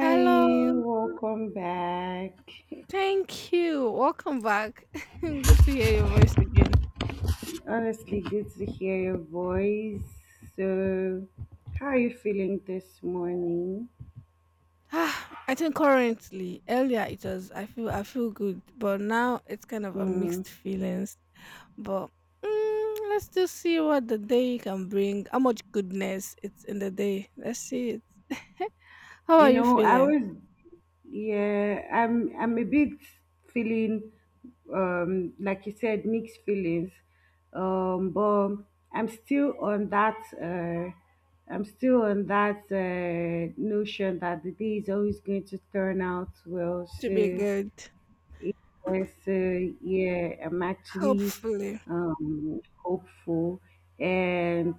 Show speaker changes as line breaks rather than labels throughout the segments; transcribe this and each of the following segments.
Hello.
welcome back.
Thank you. Welcome back. Good to hear your voice again.
Honestly, good to hear your voice. So, how are you feeling this morning?
I think currently, earlier it was I feel good, but now it's kind of a
Mm,
mixed feelings. But let's just see what the day can bring. How much goodness it's in the day. Let's see it. How are
you
you
know, I
feeling?
was, yeah, I'm a bit feeling, like you said, mixed feelings. But I'm still on that, uh, I'm still on that notion that the day is always going to turn out well.
To be
So,
good.
yes, yeah, I'm actually
Hopefully.
hopeful, and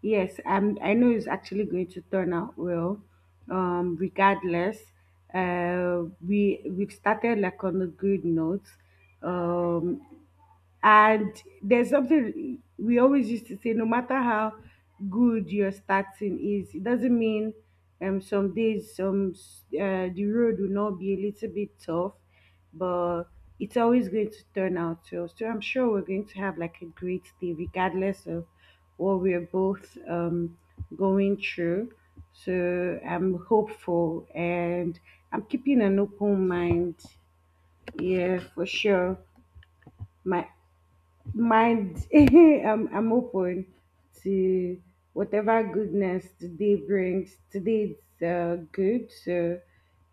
yes, I know it's actually going to turn out well. Regardless, uh, we've started like on a good note. Um, and there's something we always used to say, no matter how good your starting is, it doesn't mean some days the road will not be a little bit tough, but it's always going to turn out to us. So I'm sure we're going to have like a great day, regardless of what we're both going through. So I'm hopeful and I'm keeping an open mind. Yeah, for sure. My mind I'm open to whatever goodness today brings. Today is good, so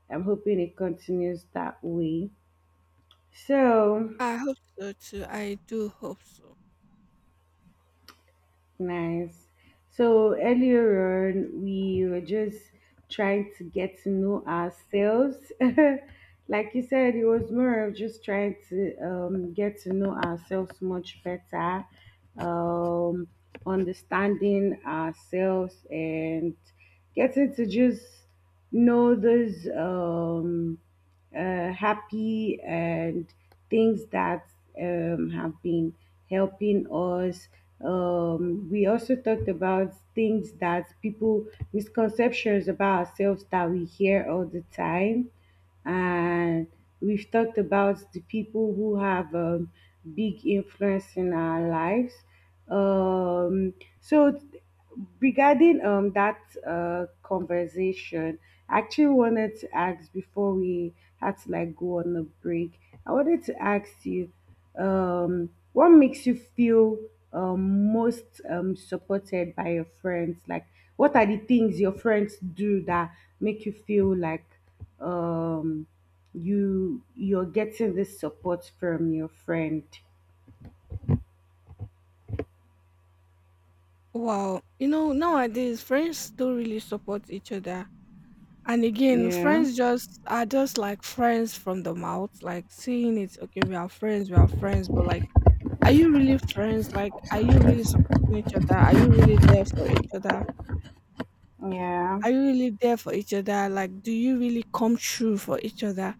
I'm hoping it continues that way, so.
I hope so too. I do hope so.
Nice. So earlier on, we were just trying to get to know ourselves. Like you said, it was more of just trying to get to know ourselves much better, um, understanding ourselves, and getting to just know those. Happy and things that have been helping us. We also talked about things that people misconceptions about ourselves that we hear all the time, and we've talked about the people who have big influence in our lives, um, so regarding that conversation, I actually wanted to ask before we had to like go on a break. I wanted to ask you, what makes you feel most supported by your friends? Like, what are the things your friends do that make you feel like um you're getting this support from your friend?
Wow. You know, nowadays friends don't really support each other. And again,
Yeah.
friends just are just like friends from the mouth, like seeing it, okay, we are friends, but like, are you really friends? Like, are you really supporting each other? Are you really there for each other?
Yeah.
Are you really there for each other? Like, do you really come true for each other?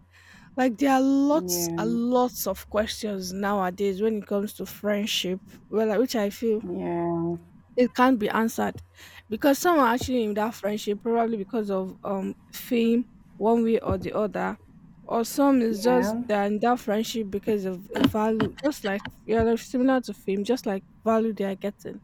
Like, there are lots
Yeah,
and lots of questions nowadays when it comes to friendship, well, like, which I feel
yeah,
it can't be answered because some are actually in that friendship probably because of fame one way or the other, or some is just
yeah,
they're in that friendship because of a value, just like, yeah, like similar to fame, just like value they are getting.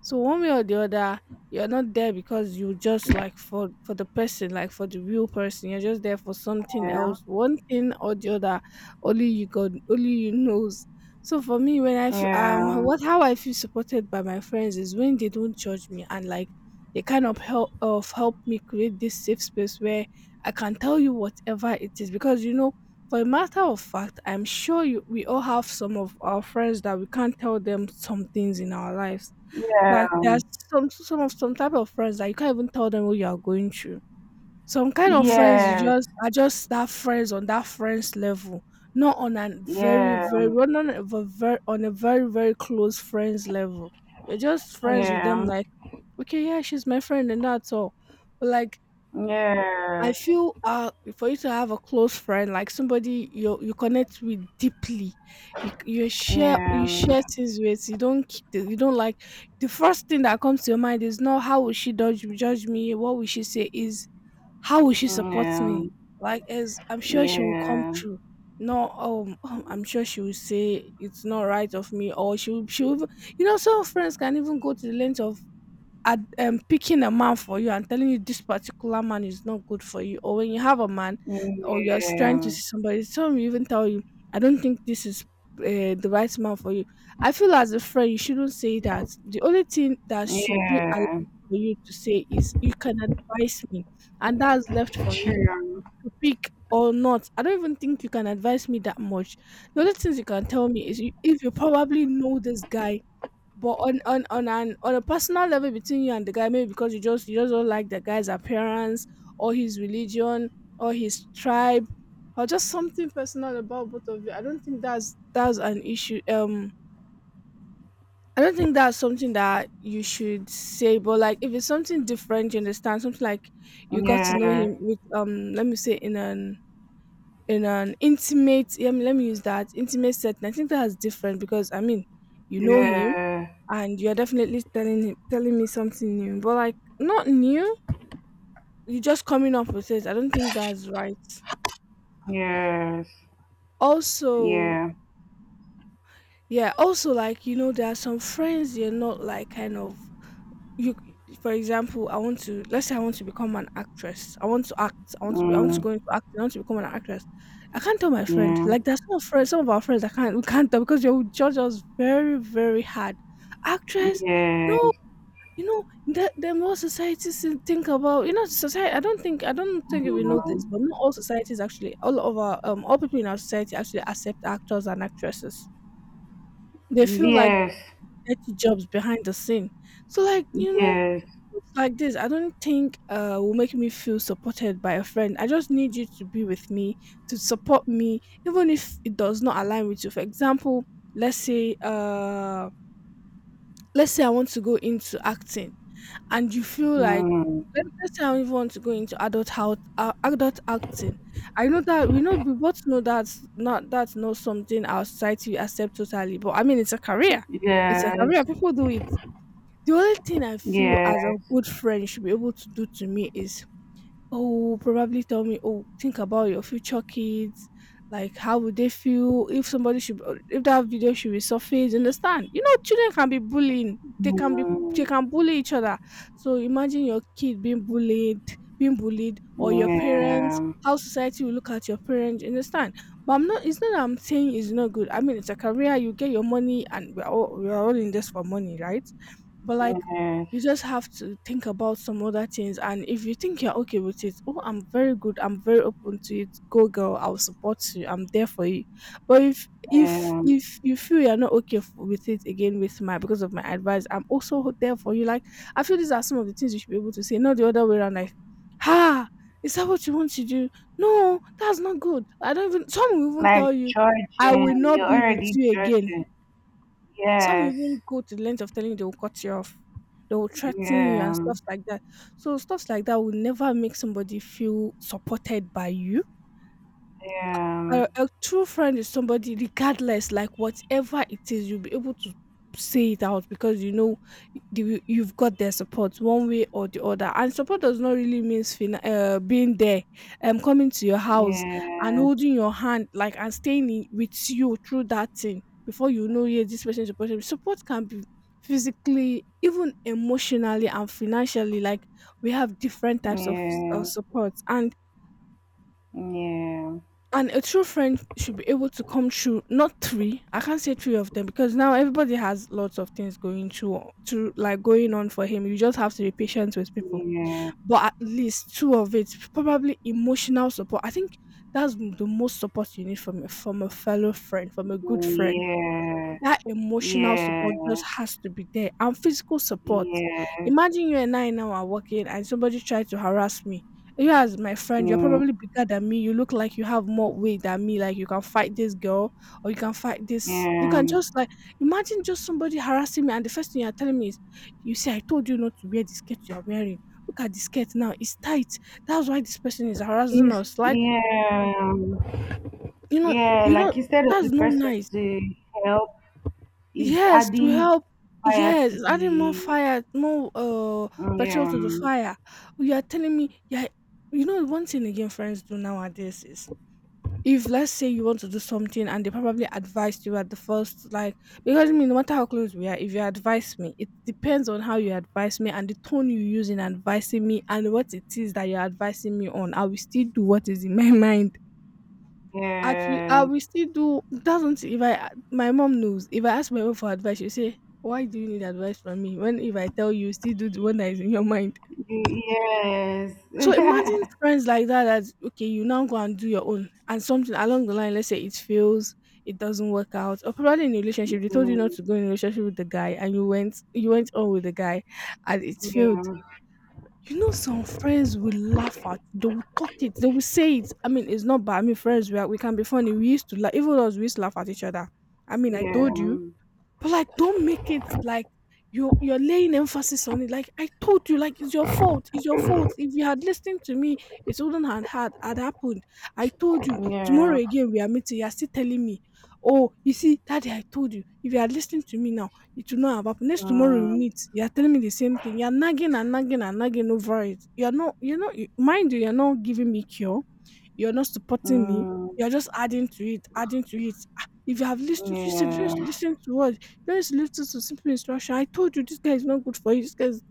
So one way or the other, you're not there because you just like for the person, like for the real person. You're just there for something
yeah,
else, one thing or the other. Only you God, only you knows. So for me, when I f-
yeah,
what how I feel supported by my friends is when they don't judge me, and like they kind of help me create this safe space where I can tell you whatever it is, because, you know, for a matter of fact, I'm sure you, we all have some of our friends that we can't tell them some things in our lives.
yeah,
Like there's some type of friends that you can't even tell them what you are going through. Some kind of friends you
yes,
just are just that friends on that friends level, not on a
yeah,
very
yeah, yes,
very,
yeah,
well, not on a very on a very very close friends level. You're just friends with them,
yeah,
like okay, yeah, she's my friend, and that's all. But like I feel for you to have a close friend, like somebody you connect with deeply, you share things with. You don't keep the, you don't like, the first thing that comes to your mind is not how will she judge me, what will she say, is how will she support me. Like, as I'm sure
yeah,
she will come
yeah,
through. No, I'm sure she will say it's not right of me, or she will, you know, some friends can even go to the length of picking a man for you and telling you this particular man is not good for you, or when you have a man or you're trying to see somebody, some even tell you, I don't think this is the right man for you. I feel as a friend, you shouldn't say that. The only thing that should be allowed
yeah,
for you to say is, you can advise me, and that's left for me
true,
to pick. Or not, I don't even think you can advise me that much. The only things you can tell me is you, if you probably know this guy, but on a personal level between you and the guy, maybe because you just don't like the guy's appearance, or his religion, or his tribe, or just something personal about both of you. I don't think that's an issue. I don't think that's something that you should say. But like, if it's something different, you understand, something like you got to know
yeah,
him with let me say in an intimate. Yeah, let me use that intimate setting. I think that's different, because I mean, you know him,
yeah,
and you're definitely telling him, telling me something new, but like not new. You're just coming up with it. I don't think that's right.
yes,
Also,
yeah,
yeah. Also, like you know, there are some friends you're not like kind of you. For example, I want to, let's say I want to become an actress. I want to act. I want to. Be, I want to
mm,
go into acting. I want to become an actress. I can't tell my friend.
yeah,
Like there's some friends, some of our friends, I can't. We can't tell because they will judge us very, very hard. Actress. No.
yes,
You know, the more societies to think about, you know, society. I don't think if you know
mm,
this, but not all societies actually, all of our all people in our society actually accept actors and actresses. They feel like
yes,
dirty jobs behind the scene. So like you know,
yes,
things like this, I don't think will make me feel supported by a friend. I just need you to be with me to support me, even if it does not align with you. For example, let's say let's say I want to go into acting, and you feel like,
mm,
let's say I don't even want to go into adult health, adult acting. I know that we know, we both know that's not something our society accept totally, but I mean it's a career. It's a career.
yes.
People do it. The only thing I feel as a
Yes.
good friend should be able to do to me is, oh, probably tell me, oh, think about your future kids. Like, how would they feel if somebody should, or if that video should resurface? You understand? You know, children can be bullying. They can be, they
Mm,
can bully each other. So imagine your kid being bullied, or your parents.
yeah.
How society will look at your parents. You understand? But I'm not. It's not that I'm saying it's not good. I mean, it's like a career. You get your money, and we're all in this for money, right? But like
Yes.
you just have to think about some other things, and if you think you're okay with it, oh, I'm very good, I'm very open to it, go girl, I'll support you, I'm there for you. But if if
Um,
if you feel you're not okay with it, again, with my, because of my advice, I'm also there for you. Like I feel these are some of the things you should be able to say, not the other way around. Like, ha, is that what you want to do? No, that's not good. I don't even, some will even
like
tell you, I will
judging,
not
you're
be with
already
you again.
judging.
Some
Yes.
even go to the length of telling you they will cut you off, they will threaten you and
Yeah.
stuff like that. So stuff like that will never make somebody feel supported by you.
Yeah.
A a true friend is somebody regardless, like whatever it is, you'll be able to say it out because you know the, you've got their support one way or the other. And support does not really mean being there, coming to your house and
Yeah.
holding your hand, like and staying in, with you through that thing. Before you know, yeah, this person supporting me. Support can be physically, even emotionally and financially. Like we have different types of, of
Yeah.
support,
Yeah.
and a true friend should be able to come through, not three. I can't say three of them because now everybody has lots of things going through, to like going on for him. You just have to be patient with people. But at least two of it, probably emotional support. I think the most support you need from from a fellow friend, from a good friend.
Yeah.
That emotional
Yeah.
support just
Yes.
has to be there, and physical support.
Yes.
Imagine you and I now are working and somebody tried to harass me. You as my friend, you're
Mm,
probably bigger than me. You look like you have more weight than me. Like you can fight this girl, or you can fight this. You can
yeah.
just like, imagine just somebody harassing me, and the first thing you're telling me is, you see, I told you not to wear the skirt you're wearing. Look at the skirt now. It's tight. That's why this person is harassing
It's,
us. Like,
yeah.
you know,
Yeah.
you know,
Like instead of
that's
the
not
person
nice.
to help. Is
Yes, to
adding
help,
fire
yes,
to
it's adding more
the
fire, more petrol to the
um
fire. You are telling me, yeah, you know one thing again friends do nowadays is if, let's say, you want to do something and they probably advised you at the first, like, because I mean, no matter how close we are, if you advise me, it depends on how you advise me and the tone you use in advising me and what it is that you're advising me on. I will still do what is in my mind. At I
yeah,
will still do doesn't if I my mom knows. If I ask my mom for advice, she'll say, why do you need advice from me, when if I tell you, you still do the one that is in your mind?
yes.
So imagine friends like that, okay, you now go and do your own and something along the line, let's say it fails, it doesn't work out, or probably in a relationship, they told you not
Mm,
to go in a relationship with the guy and you went on with the guy and it failed.
yeah,
Some friends will laugh at, they will talk it, they will say it. I mean, it's not bad. I mean, friends, we, are, we can be funny. We used to laugh, even us, we used to laugh at each other. I mean, I told you,
yeah,
but, like, don't make it like you're laying emphasis on it. Like I told you, like it's your fault. It's your fault. If you had listened to me, it wouldn't have had happened. I told you tomorrow
yeah,
again we are meeting. You are still telling me, oh, you see, daddy, I told you. If you had listened to me now, it would not have happened. Next tomorrow we
mm,
meet. You are telling me the same thing. You are nagging and nagging and nagging over it. You are not. Mind you, you are not giving me cure. You are not supporting me.
mm,
You are just adding to it, adding to it. Ah, if you have listened, you said you just
yeah,
listen to what. Let's lift it to simple instruction. I told you this guy is not good for you. This guy is...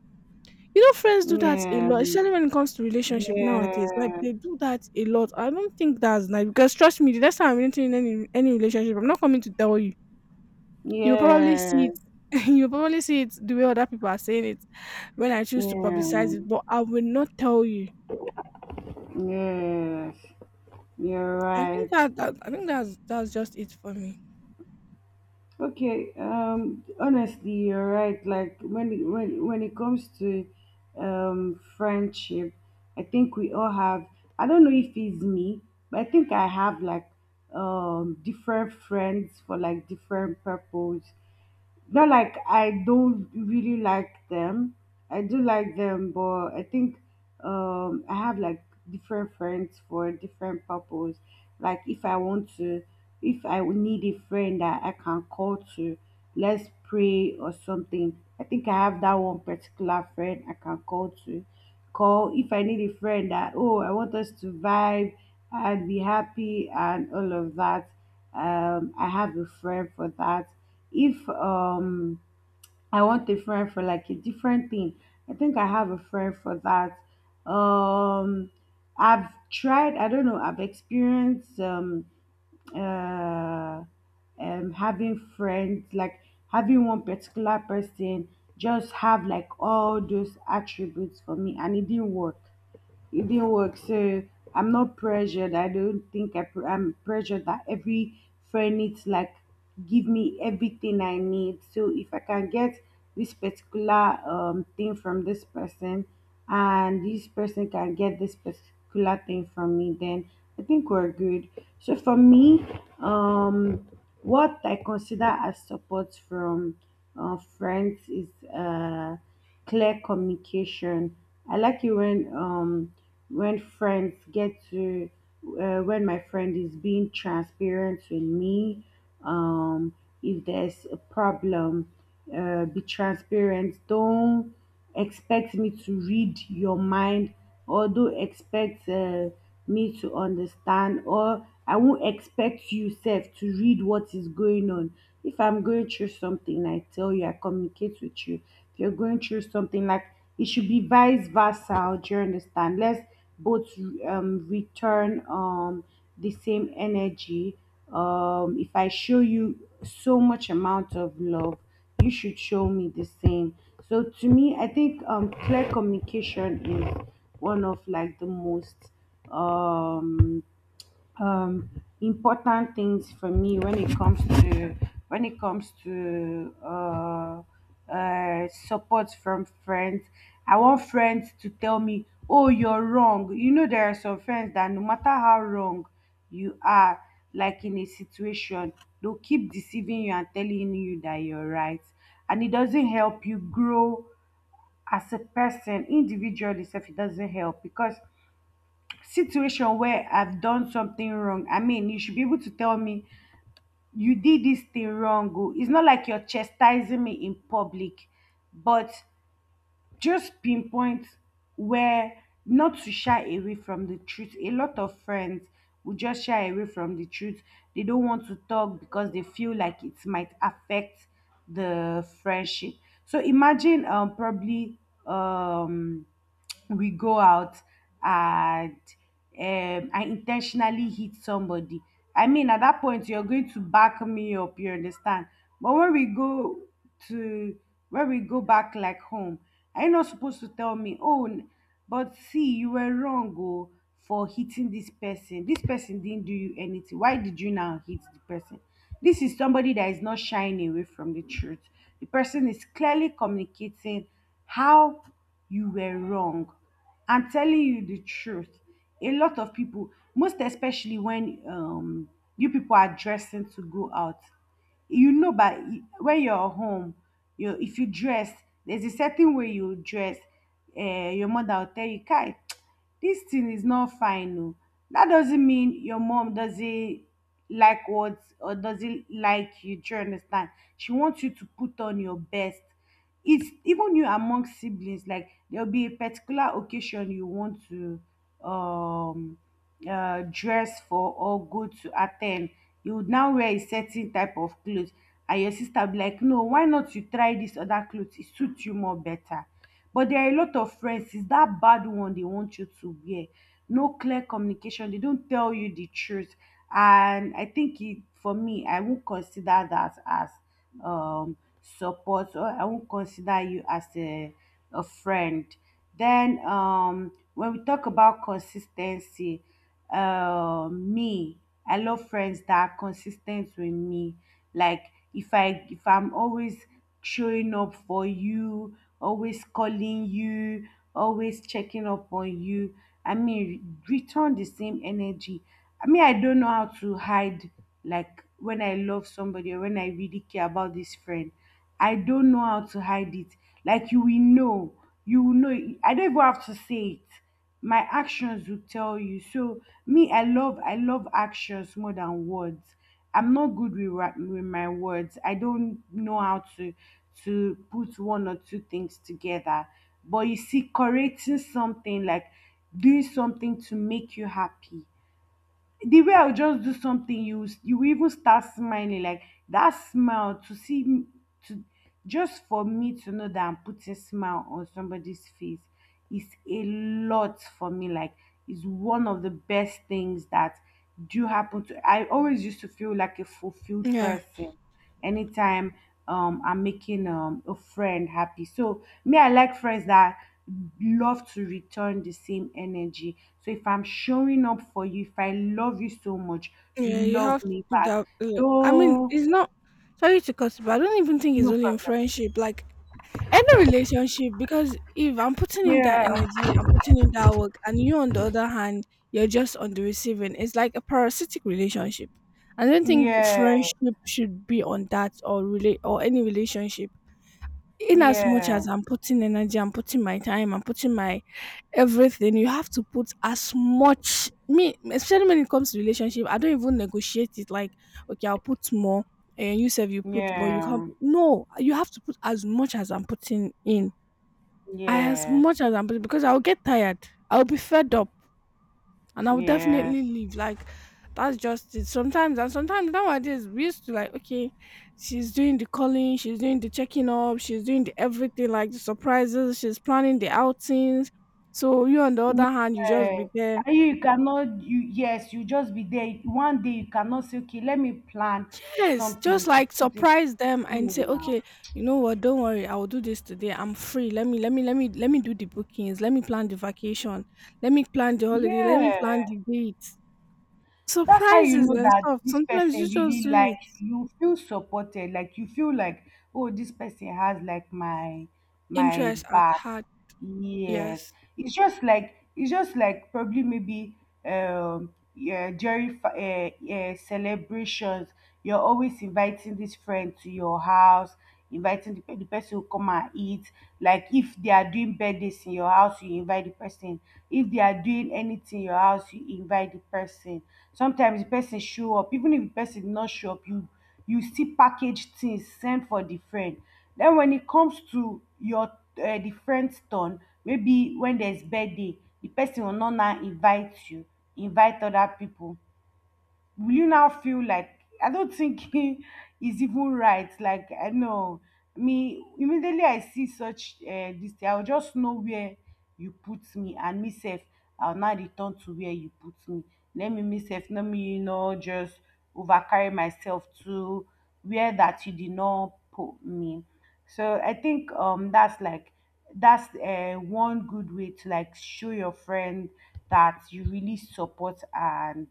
You know, friends do that a
yeah,
lot, especially when it comes to relationship nowadays. Like,
yeah,
they do that a lot. I don't think that's nice because, trust me, the next time I'm entering any relationship, I'm not coming to tell you. You'll probably see it. You'll probably see it the way other people are saying it when I choose to
yeah,
publicize it, but I will not tell you.
yeah, yes, you're
I think
right.
that, that I think that's just it for me.
Okay, honestly, you're right. Like when it comes to friendship, I think we all have. I don't know if it's me, but I think I have like different friends for like different purpose, not like I don't really like them. I do like them, but I think, I have like different friends for different purpose. Like if I want to, if I would need a friend that I can call to, let's pray or something. I think I have that one particular friend I can call to. Call if I need a friend that, oh, I want us to vibe and be happy and all of that, I have a friend for that. If I want a friend for like a different thing, I think I have a friend for that. um I don't know, I've experienced uh having friends like having one particular person just have like all those attributes for me, and it didn't work. So I'm not pressured. I don't think I'm pressured that every friend needs like give me everything I need. So if I can get this particular thing from this person, and this person can get this particular thing from me, then I think we're good. So for me, um, what I consider as support from friends is clear communication. I like it when friends get to when my friend is being transparent with me. Um, if there's a problem, be transparent. Don't expect me to read your mind, or don't expect. Me to understand, or I won't expect you self to read what is going on. If I'm going through something, I tell you, I communicate with you. If you're going through something, like it should be vice versa. Do you understand? Let's both return the same energy. If I show you so much amount of love, you should show me the same. So to me, I think clear communication is one of like the most um, um, important things for me when it comes to support from friends. I want friends to tell me, "Oh, you're wrong." You know, there are some friends that no matter how wrong you are, like in a situation, they'll keep deceiving you and telling you that you're right, and it doesn't help you grow as a person individually. If it doesn't help, because situation where I've done something wrong, I mean, you should be able to tell me you did this thing wrong. Oh." It's not like you're chastising me in public, but just pinpoint where, not to shy away from the truth. A lot of friends will just shy away from the truth. They don't want to talk because they feel like it might affect the friendship. So imagine probably um we go out and I intentionally hit somebody. I mean, at that point, you're going to back me up. You understand? But to when we go back like home, are you not supposed to tell me? Oh, but see, you were wrong oh, for hitting this person. This person didn't do you anything. Why did you now hit the person? This is somebody that is not shying away from the truth. The person is clearly communicating how you were wrong. I'm telling you the truth. A lot of people, most especially when you people are dressing to go out, you know, but when you're home, you if you dress, there's a certain way you dress. Your mother will tell you, "Kai, dis thing is not fine oo. Dat doesn't mean your mom doesn't like what, or doesn't like you. Do you understand? She wants you to put on your best. It's even you among siblings, like there'll be a particular occasion you want to um dress for or go to attend. You would now wear a certain type of clothes, and your sister be like, no, why not you try this other clothes? It suits you more better. But there are a lot of friends, it's that bad one they want you to wear. No clear communication. They don't tell you the truth. And I think it, for me, I won't consider that as um, support, or I won't consider you as a friend. Then when we talk about consistency, me, I love friends that are consistent with me. Like if I'm always showing up for you, always calling you, always checking up on you, I mean return the same energy. I mean, I don't know how to hide, like when I love somebody or when I really care about this friend, I don't know how to hide it. Like you will know, I don't even have to say it, my actions will tell you. So me, I love actions more than words. I'm not good with my words, I don't know how to put one or two things together. But you see correcting something, like doing something to make you happy, the way I'll just do something, you will even start smiling, like that smile to see m- to just for me to know that I'm putting smile on somebody's face is a lot for me. Like, is one of the best things that do happen to. I always used to feel like a fulfilled
Yeah,
person anytime I'm making a friend happy. So me, I like friends that love to return the same energy. So if I'm showing up for you, if I love you so much, you
yeah, you
love
have to
me
put
back.
that. I mean,
No,
it's not, sorry to cut you, but I don't even think it's
no
only in
problem.
friendship. Like, any relationship, because if I'm putting in that
Yeah,
energy, I'm putting in that work, and you, on the other hand, you're just on the receiving, it's like a parasitic relationship. I don't think
yeah,
friendship should be on that or relate, or any relationship. In as much
yeah,
as I'm putting energy, I'm putting my time, I'm putting my everything, you have to put as much. Me, especially when it comes to relationship, I don't even negotiate it, like, okay, I'll put more, and you said you put, but you can't
yeah,
put- No, you have to put as much as I'm putting in, as
yes,
much as I'm, because I'll get tired. I'll be fed up and I'll
yes,
definitely leave. Like, that's just it. Sometimes, and sometimes nowadays, we used to like, okay, she's doing the calling, she's doing the checking up, she's doing the everything, like the surprises, she's planning the outings. So you, on the other hand, you just
yeah.
be there.
And you cannot you yes, you just be there one day, you cannot say, okay, let me plan
Yes, just
something to
like
put you
surprise them and say,
now.
okay, you know what, don't worry, I will do this today. I'm free. Let me do the bookings, let me plan the vacation, let me plan the holiday, let me plan
Yeah,
the dates.
that's how you
Surprises
know
and
that
stuff,
this
sometimes
person
you just
really
do it.
likes you. You feel supported, like you feel like, oh, this person has like my
Interest at
back.
heart,
Yes,
yes.
it's just like probably maybe yeah during celebrations, you're always inviting this friend to your house, inviting the person who come and eat. Like if they are doing birthdays in your house you invite the person, if they are doing anything in your house you invite the person. Sometimes the person show up, even if the person not show up, you see packaged things sent for the friend. Then when it comes to your the friend's turn, maybe when there's birthday, the person will not now invite you, invite other people. Will you now feel like I don't think it's even right? Like I know, me, immediately I see such this thing, I'll just know where you put me and myself. I'll now return to where you put me. Let me myself, let me just overcarry myself too where that you did not put me. So I think that's like that's one good way to like show your friend that you really support and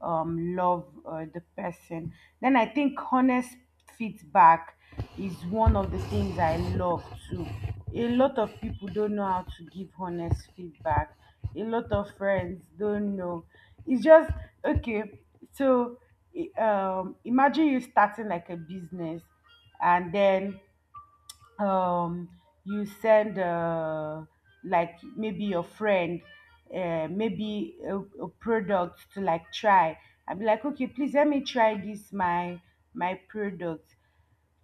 love the person. Then I think honest feedback is one of the things I love too. A lot of people don't know how to give honest feedback. A lot of friends don't know. It's just okay. So imagine you starting like a business, and then um, you send like maybe your friend maybe a product to like try. I'd be like, okay, please let me try this my product.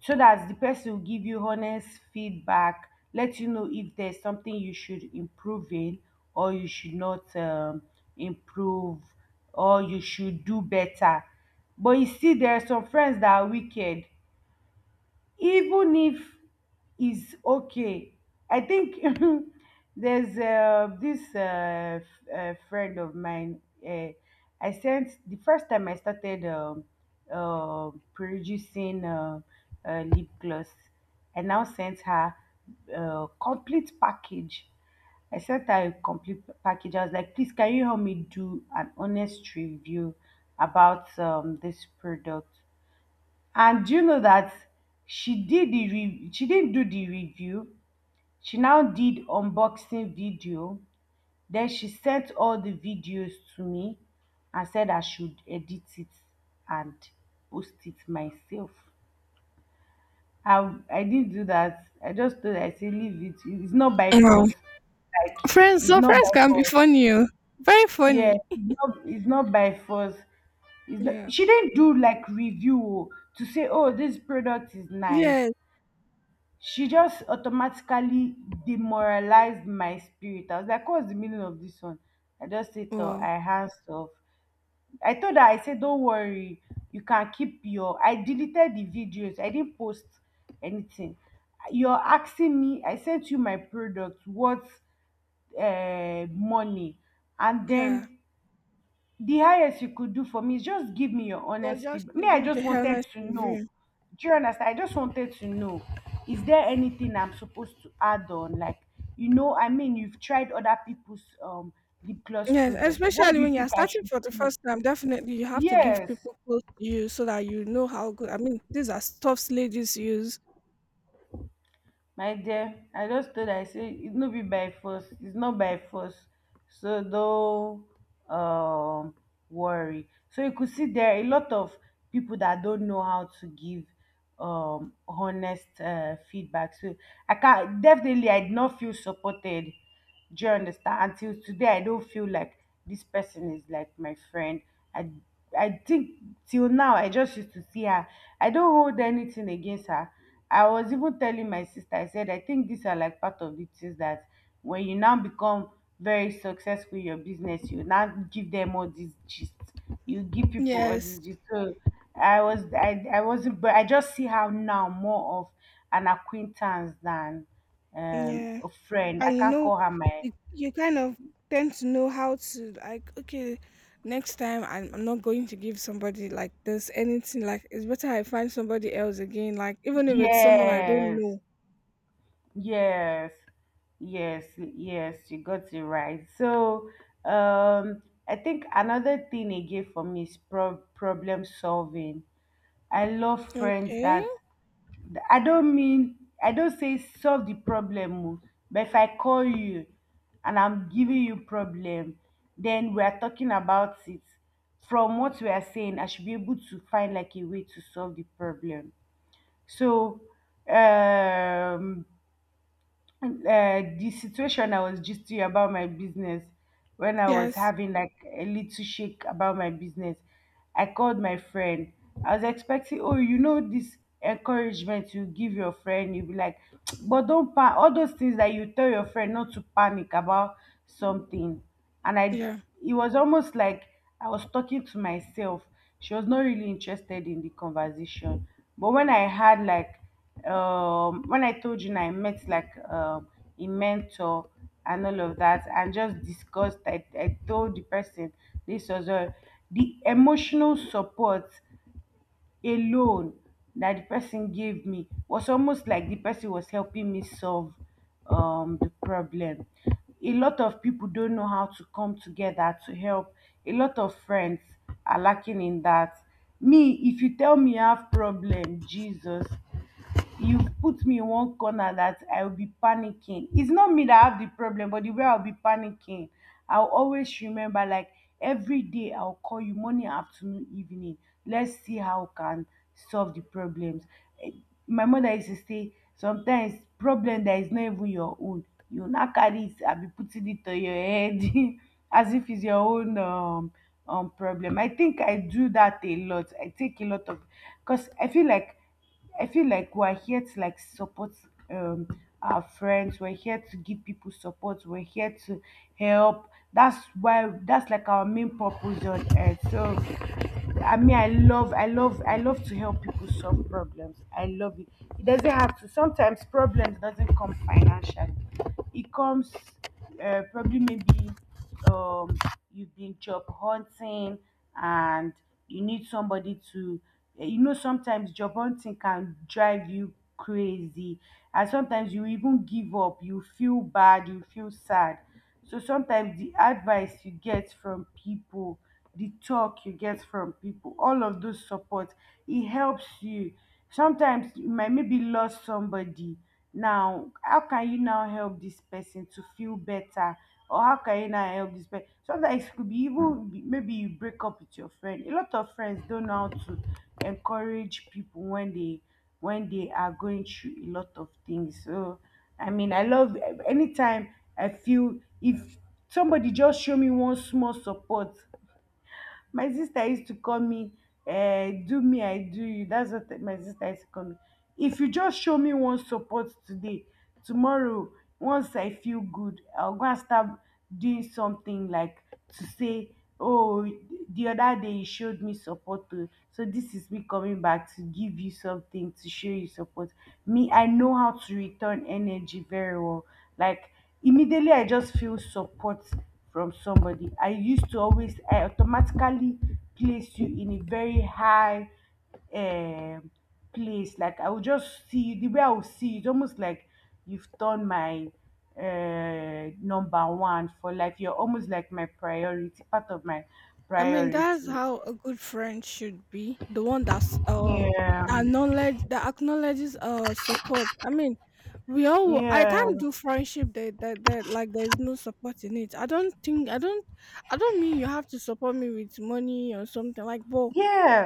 So dat the person go give you honest feedback, let you know if there's something you should improve in, or you should not improve, or you should do better. But you see there are some friends that are wicked. Even if it's okay, I think there's this friend of mine. Uh, i sent, the first time I started producing lip gloss, I now sent her complete package. I sent her a complete package. I was like, please, can you help me do an honest review about this product? And do you know that she didn't do the review. She now did unboxing video. Then she sent all the videos to me and said I should edit it and post it myself. I didn't do that. I just told her, I say leave it. It's not by
Wow.
force. Like
Friends,
it's not
surprise
by
can be
force.
funny, oh. Very funny.
Yes, it's not by force. It's not,
Yeah.
she didn't do like review, oh, to say, oh, this product is nice.
Yes.
She just automatically demoralized my spirit. I was like, what's the meaning of this one? I just said, oh,
Wow.
I hands off. I told her, I said, don't worry, you can keep your. I deleted the videos, I didn't post anything. You're asking me, I sent you my product, what money? And
Yeah.
then the highest you could do for me is just give me your
Well,
honest
just
feedback.
to
Me, I
give the
just wanted
honest
to know.
review.
Do you understand? I just wanted to know. Is there anything I'm supposed to add on? Like, you know, I mean, you've tried other people's lip gloss
Yes,
products. What
especially
do you
when you're
think I
starting
should
for the
do?
first time, definitely you have to give
Yes.
people close to you so that you know how good. I mean, these are stuffs ladies use.
My dear, I just told her I say it no be by force. It's not by force. So don't um worry. So you could see there are a lot of people that don't know how to give honest feedback. So I can definitely, I did not feel supported. Do you understand? Until today, I don't feel like this person is like my friend. I I think till now I just used to see her. I don't hold anything against her. I was even telling my sister, I said, I think these are like part of the things that when you now become very successful in your business, you now give them all these gist. You give people all
Yes.
these gist. So I was I wasn't, but I just see her now more of an acquaintance than
Yeah.
a friend. I
And you
can't
know,
call her my.
you kind of tend to know how to, like, okay, next time I'm not going to give somebody like this anything. Like, it's better I find somebody else again, like, even if it's someone I don't
Yes,
know.
yes, yes, yes. You got it right. So, um, I think another thing again for me is problem solving. I love friends
Okay.
that I don't mean, I don't say solve the problem o, but if I call you and I'm giving you problem, then we are talking about it. From what we are saying, I should be able to find like a way to solve the problem. So um the situation I was just to you about my business, when I was
Yes.
having like a little shake about my business, I called my friend. I was expecting, oh, you know, this encouragement you give your friend, you be like, but don't pan, all those things that you tell your friend not to panic about something. And I,
Yeah.
it was almost like I was talking to myself. She was not really interested in the conversation. But when I had like when I told you I met like a mentor and all of that and just discussed, I told the person, this was all the emotional support alone that the person gave me was almost like the person was helping me solve the problem. A lot of people don't know how to come together to help. A lot of friends are lacking in that. Me, if you tell me I have problem, Jesus, you've put me in one corner that I'll be panicking. It's not me that have the problem, but the way I'll be panicking, I'll always remember like every day I'll call you morning, afternoon, evening. Let's see how we can solve the problems. Eh, my mother used to say sometimes problem that is not even your own, you now carry it and be putting it on your head as if it's your own problem. I think I do that a lot. I take a lot of, because I feel like, I feel like we're here to like support um our friends. We're here to give people support. We're here to help. That's why, that's like our main purpose on earth. So I mean, I love, I love, I love to help people solve problems. I love it. It doesn't have to. Sometimes problems doesn't come financially. It comes probably maybe um, you've been job hunting and you need somebody to, eh, you know sometimes job hunting can drive you crazy, and sometimes you even give up, you feel bad, you feel sad. So sometimes the advice you get from people, the talk you get from people, all of those support, it helps you. Sometimes you might maybe lost somebody. Now, how can you now help this person to feel better? Or how can you now help this person? Sometimes it could be even maybe you break up with your friend. A lot of friends don't know how to encourage people when they, when they are going through a lot of things. So I mean, I love anytime I feel if somebody just show me one small support. My sister used to call me, do me, I do you. That's what my sister used to call me. If you just show me one support today, tomorrow, once I feel good, I'll go and start doing something like to say, oh, the other day you showed me support. Oh, so this is me coming back to give you something to show you support. Me, I know how to return energy very well. Like immediately I just feel support from somebody, I used to always, I automatically place you in a very high um place. Like I will just see you, the way I will see you, it's almost like you've done my number one for life, you're almost like my priority, part of my
I mean, that's
priority.
how a good friend should be. The one that's
Yeah,
that acknowledges support. I mean, we all, I
yeah,
can't do friendship that like there's no support in it. I don't think. I don't mean you have to support me with money or something, like, but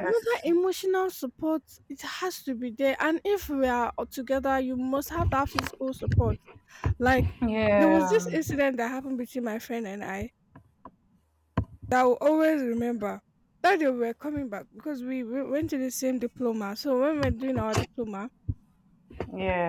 you know that emotional support, it has to be there, and if we are all together you must have that physical support. Like, there was
yeah,
this incident that happened between my friend and I that I will always remember. That day we were coming back because we went to the same diploma. So when we were doing our diploma,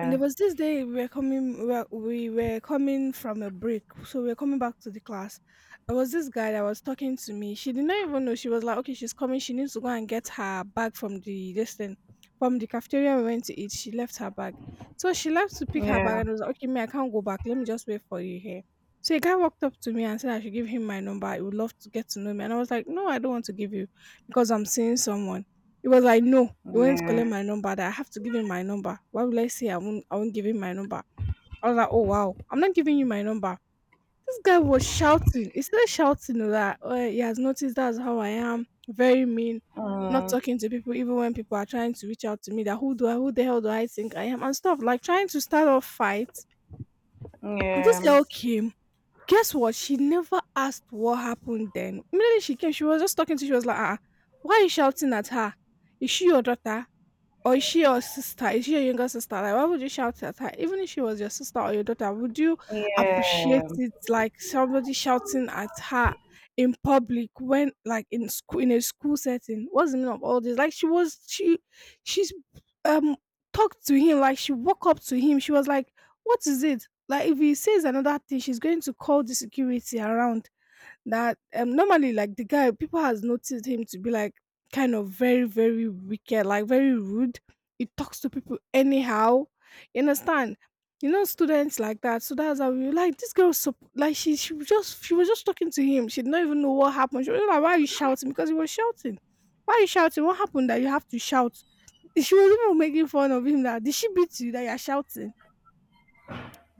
and there was this day we were coming, we were coming from a break, so we were coming back to the class. There was this guy that was talking to me. She did not even know. She was like, "Okay, she's coming. She needs to go and get her bag from the, this thing, from the cafeteria we went to eat. She left her bag," so she left to pick her bag,
yeah,
and I was like, "Okay, me, I can't go back. Let me just wait for you here." So a guy walked up to me and said I should give him my number. He would love to get to know me, and I was like, "No, I don't want to give you, because I'm seeing someone." It was like, no, he went to
yeah,
collect my number. That I have to give him my number. Why would I say I won't? I won't give him my number. I was like, oh wow, I'm not giving you my number. This guy was shouting. He started shouting like that, oh, he has noticed that's how I am. Very mean, not
mm,
talking to people even when people are trying to reach out to me. That, who do I? Who the hell do I think I am? And stuff, like trying to start off fight. This
yeah,
girl came. Guess what? She never asked what happened then. Immediately she came, she was just talking to. She was like, ah, ah, why are you shouting at her? Is she your daughter? Or is she your sister? Is she your younger sister? Like, why would you shout at her? Even if she was your sister or your daughter, would you appreciate
yeah.
it, like somebody shouting at her in public, when, like, in school, in a school setting? What's the meaning of all this? Like, she was she she's um talked to him like she woke up to him. She was like, "What is it?" Like, if he says another thing, she's going to call the security around. That, normally, like, the guy, people has noticed him to be, like, kind of very, very wicked, like, very rude, he talks to people anyhow, you understand? You know, students like that. So that's how we were, like, this girl sup- like she was just talking to him. She did not even know what happened. She was like, why are you shouting? Because he was shouting, why are you shouting, what happened that you have to shout? She was even making fun of him, that did she beat you that you're shouting?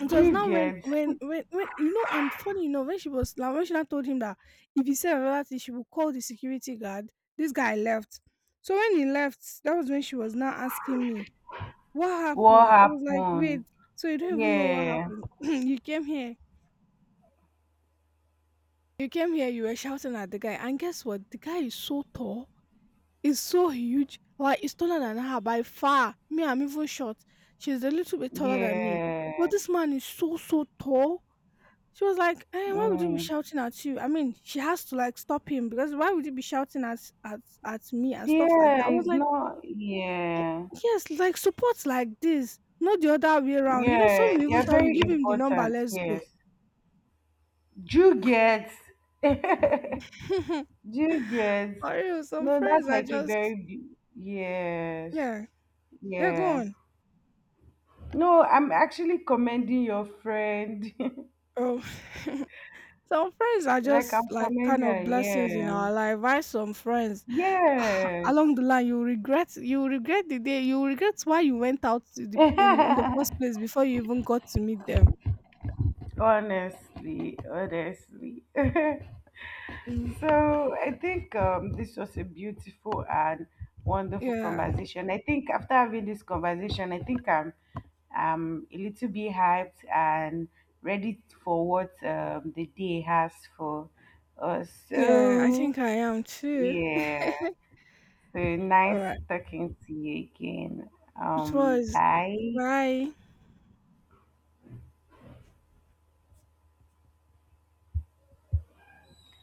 It
Do
was
you
now when,
get
you know, and funny enough, when she was, like, when she now told him that if he said another thing, she would call the security guard, this guy left. So when he left, that was when she was now asking me, what
what
happened? I was like, wait,
happened?
so you don't even know what
Yeah,
happened? You came here, you were shouting at the guy. And guess what? The guy is so tall, is so huge, like, he's taller than her by far. Me, I'm even short. She's a little bit taller than me.
yeah,
But this man is so, so tall. She was like, eh, why would you be
mm.
shouting at you? I mean, she has to like stop him, because why would you be shouting at me and stuff like
Yeah.
that? I was
It's
like,
not. Yeah,
yes, like support like this, not the other way around. You know, some
yeah.
will
They
even
are
tell you,
very
give him the number,
important.
let's go.
Yes. Do you get? Do you get?
For real, some
No, that's
friends are
like a
just,
very. Bu- yes.
yeah, they're
Yeah.
gone.
No, I'm actually commending your friend.
Oh. Some friends are
Like I'm
just like kind
commending
of blessings in
her.
our life. Why some friends,
Yeah.
along the line you regret, you regret the day, you regret why you went out to the, in the first
Yes.
place before you even got to meet them.
Honestly, honestly.
Mm,
So I think this was a beautiful and wonderful
yeah,
conversation. I think after having this conversation, I think I'm a little bit hyped and ready for what the day has for us.
yeah, I
So
think I am too.
yeah, so
All
nice
right,
talking to you again.
it was,
Bye.
bye.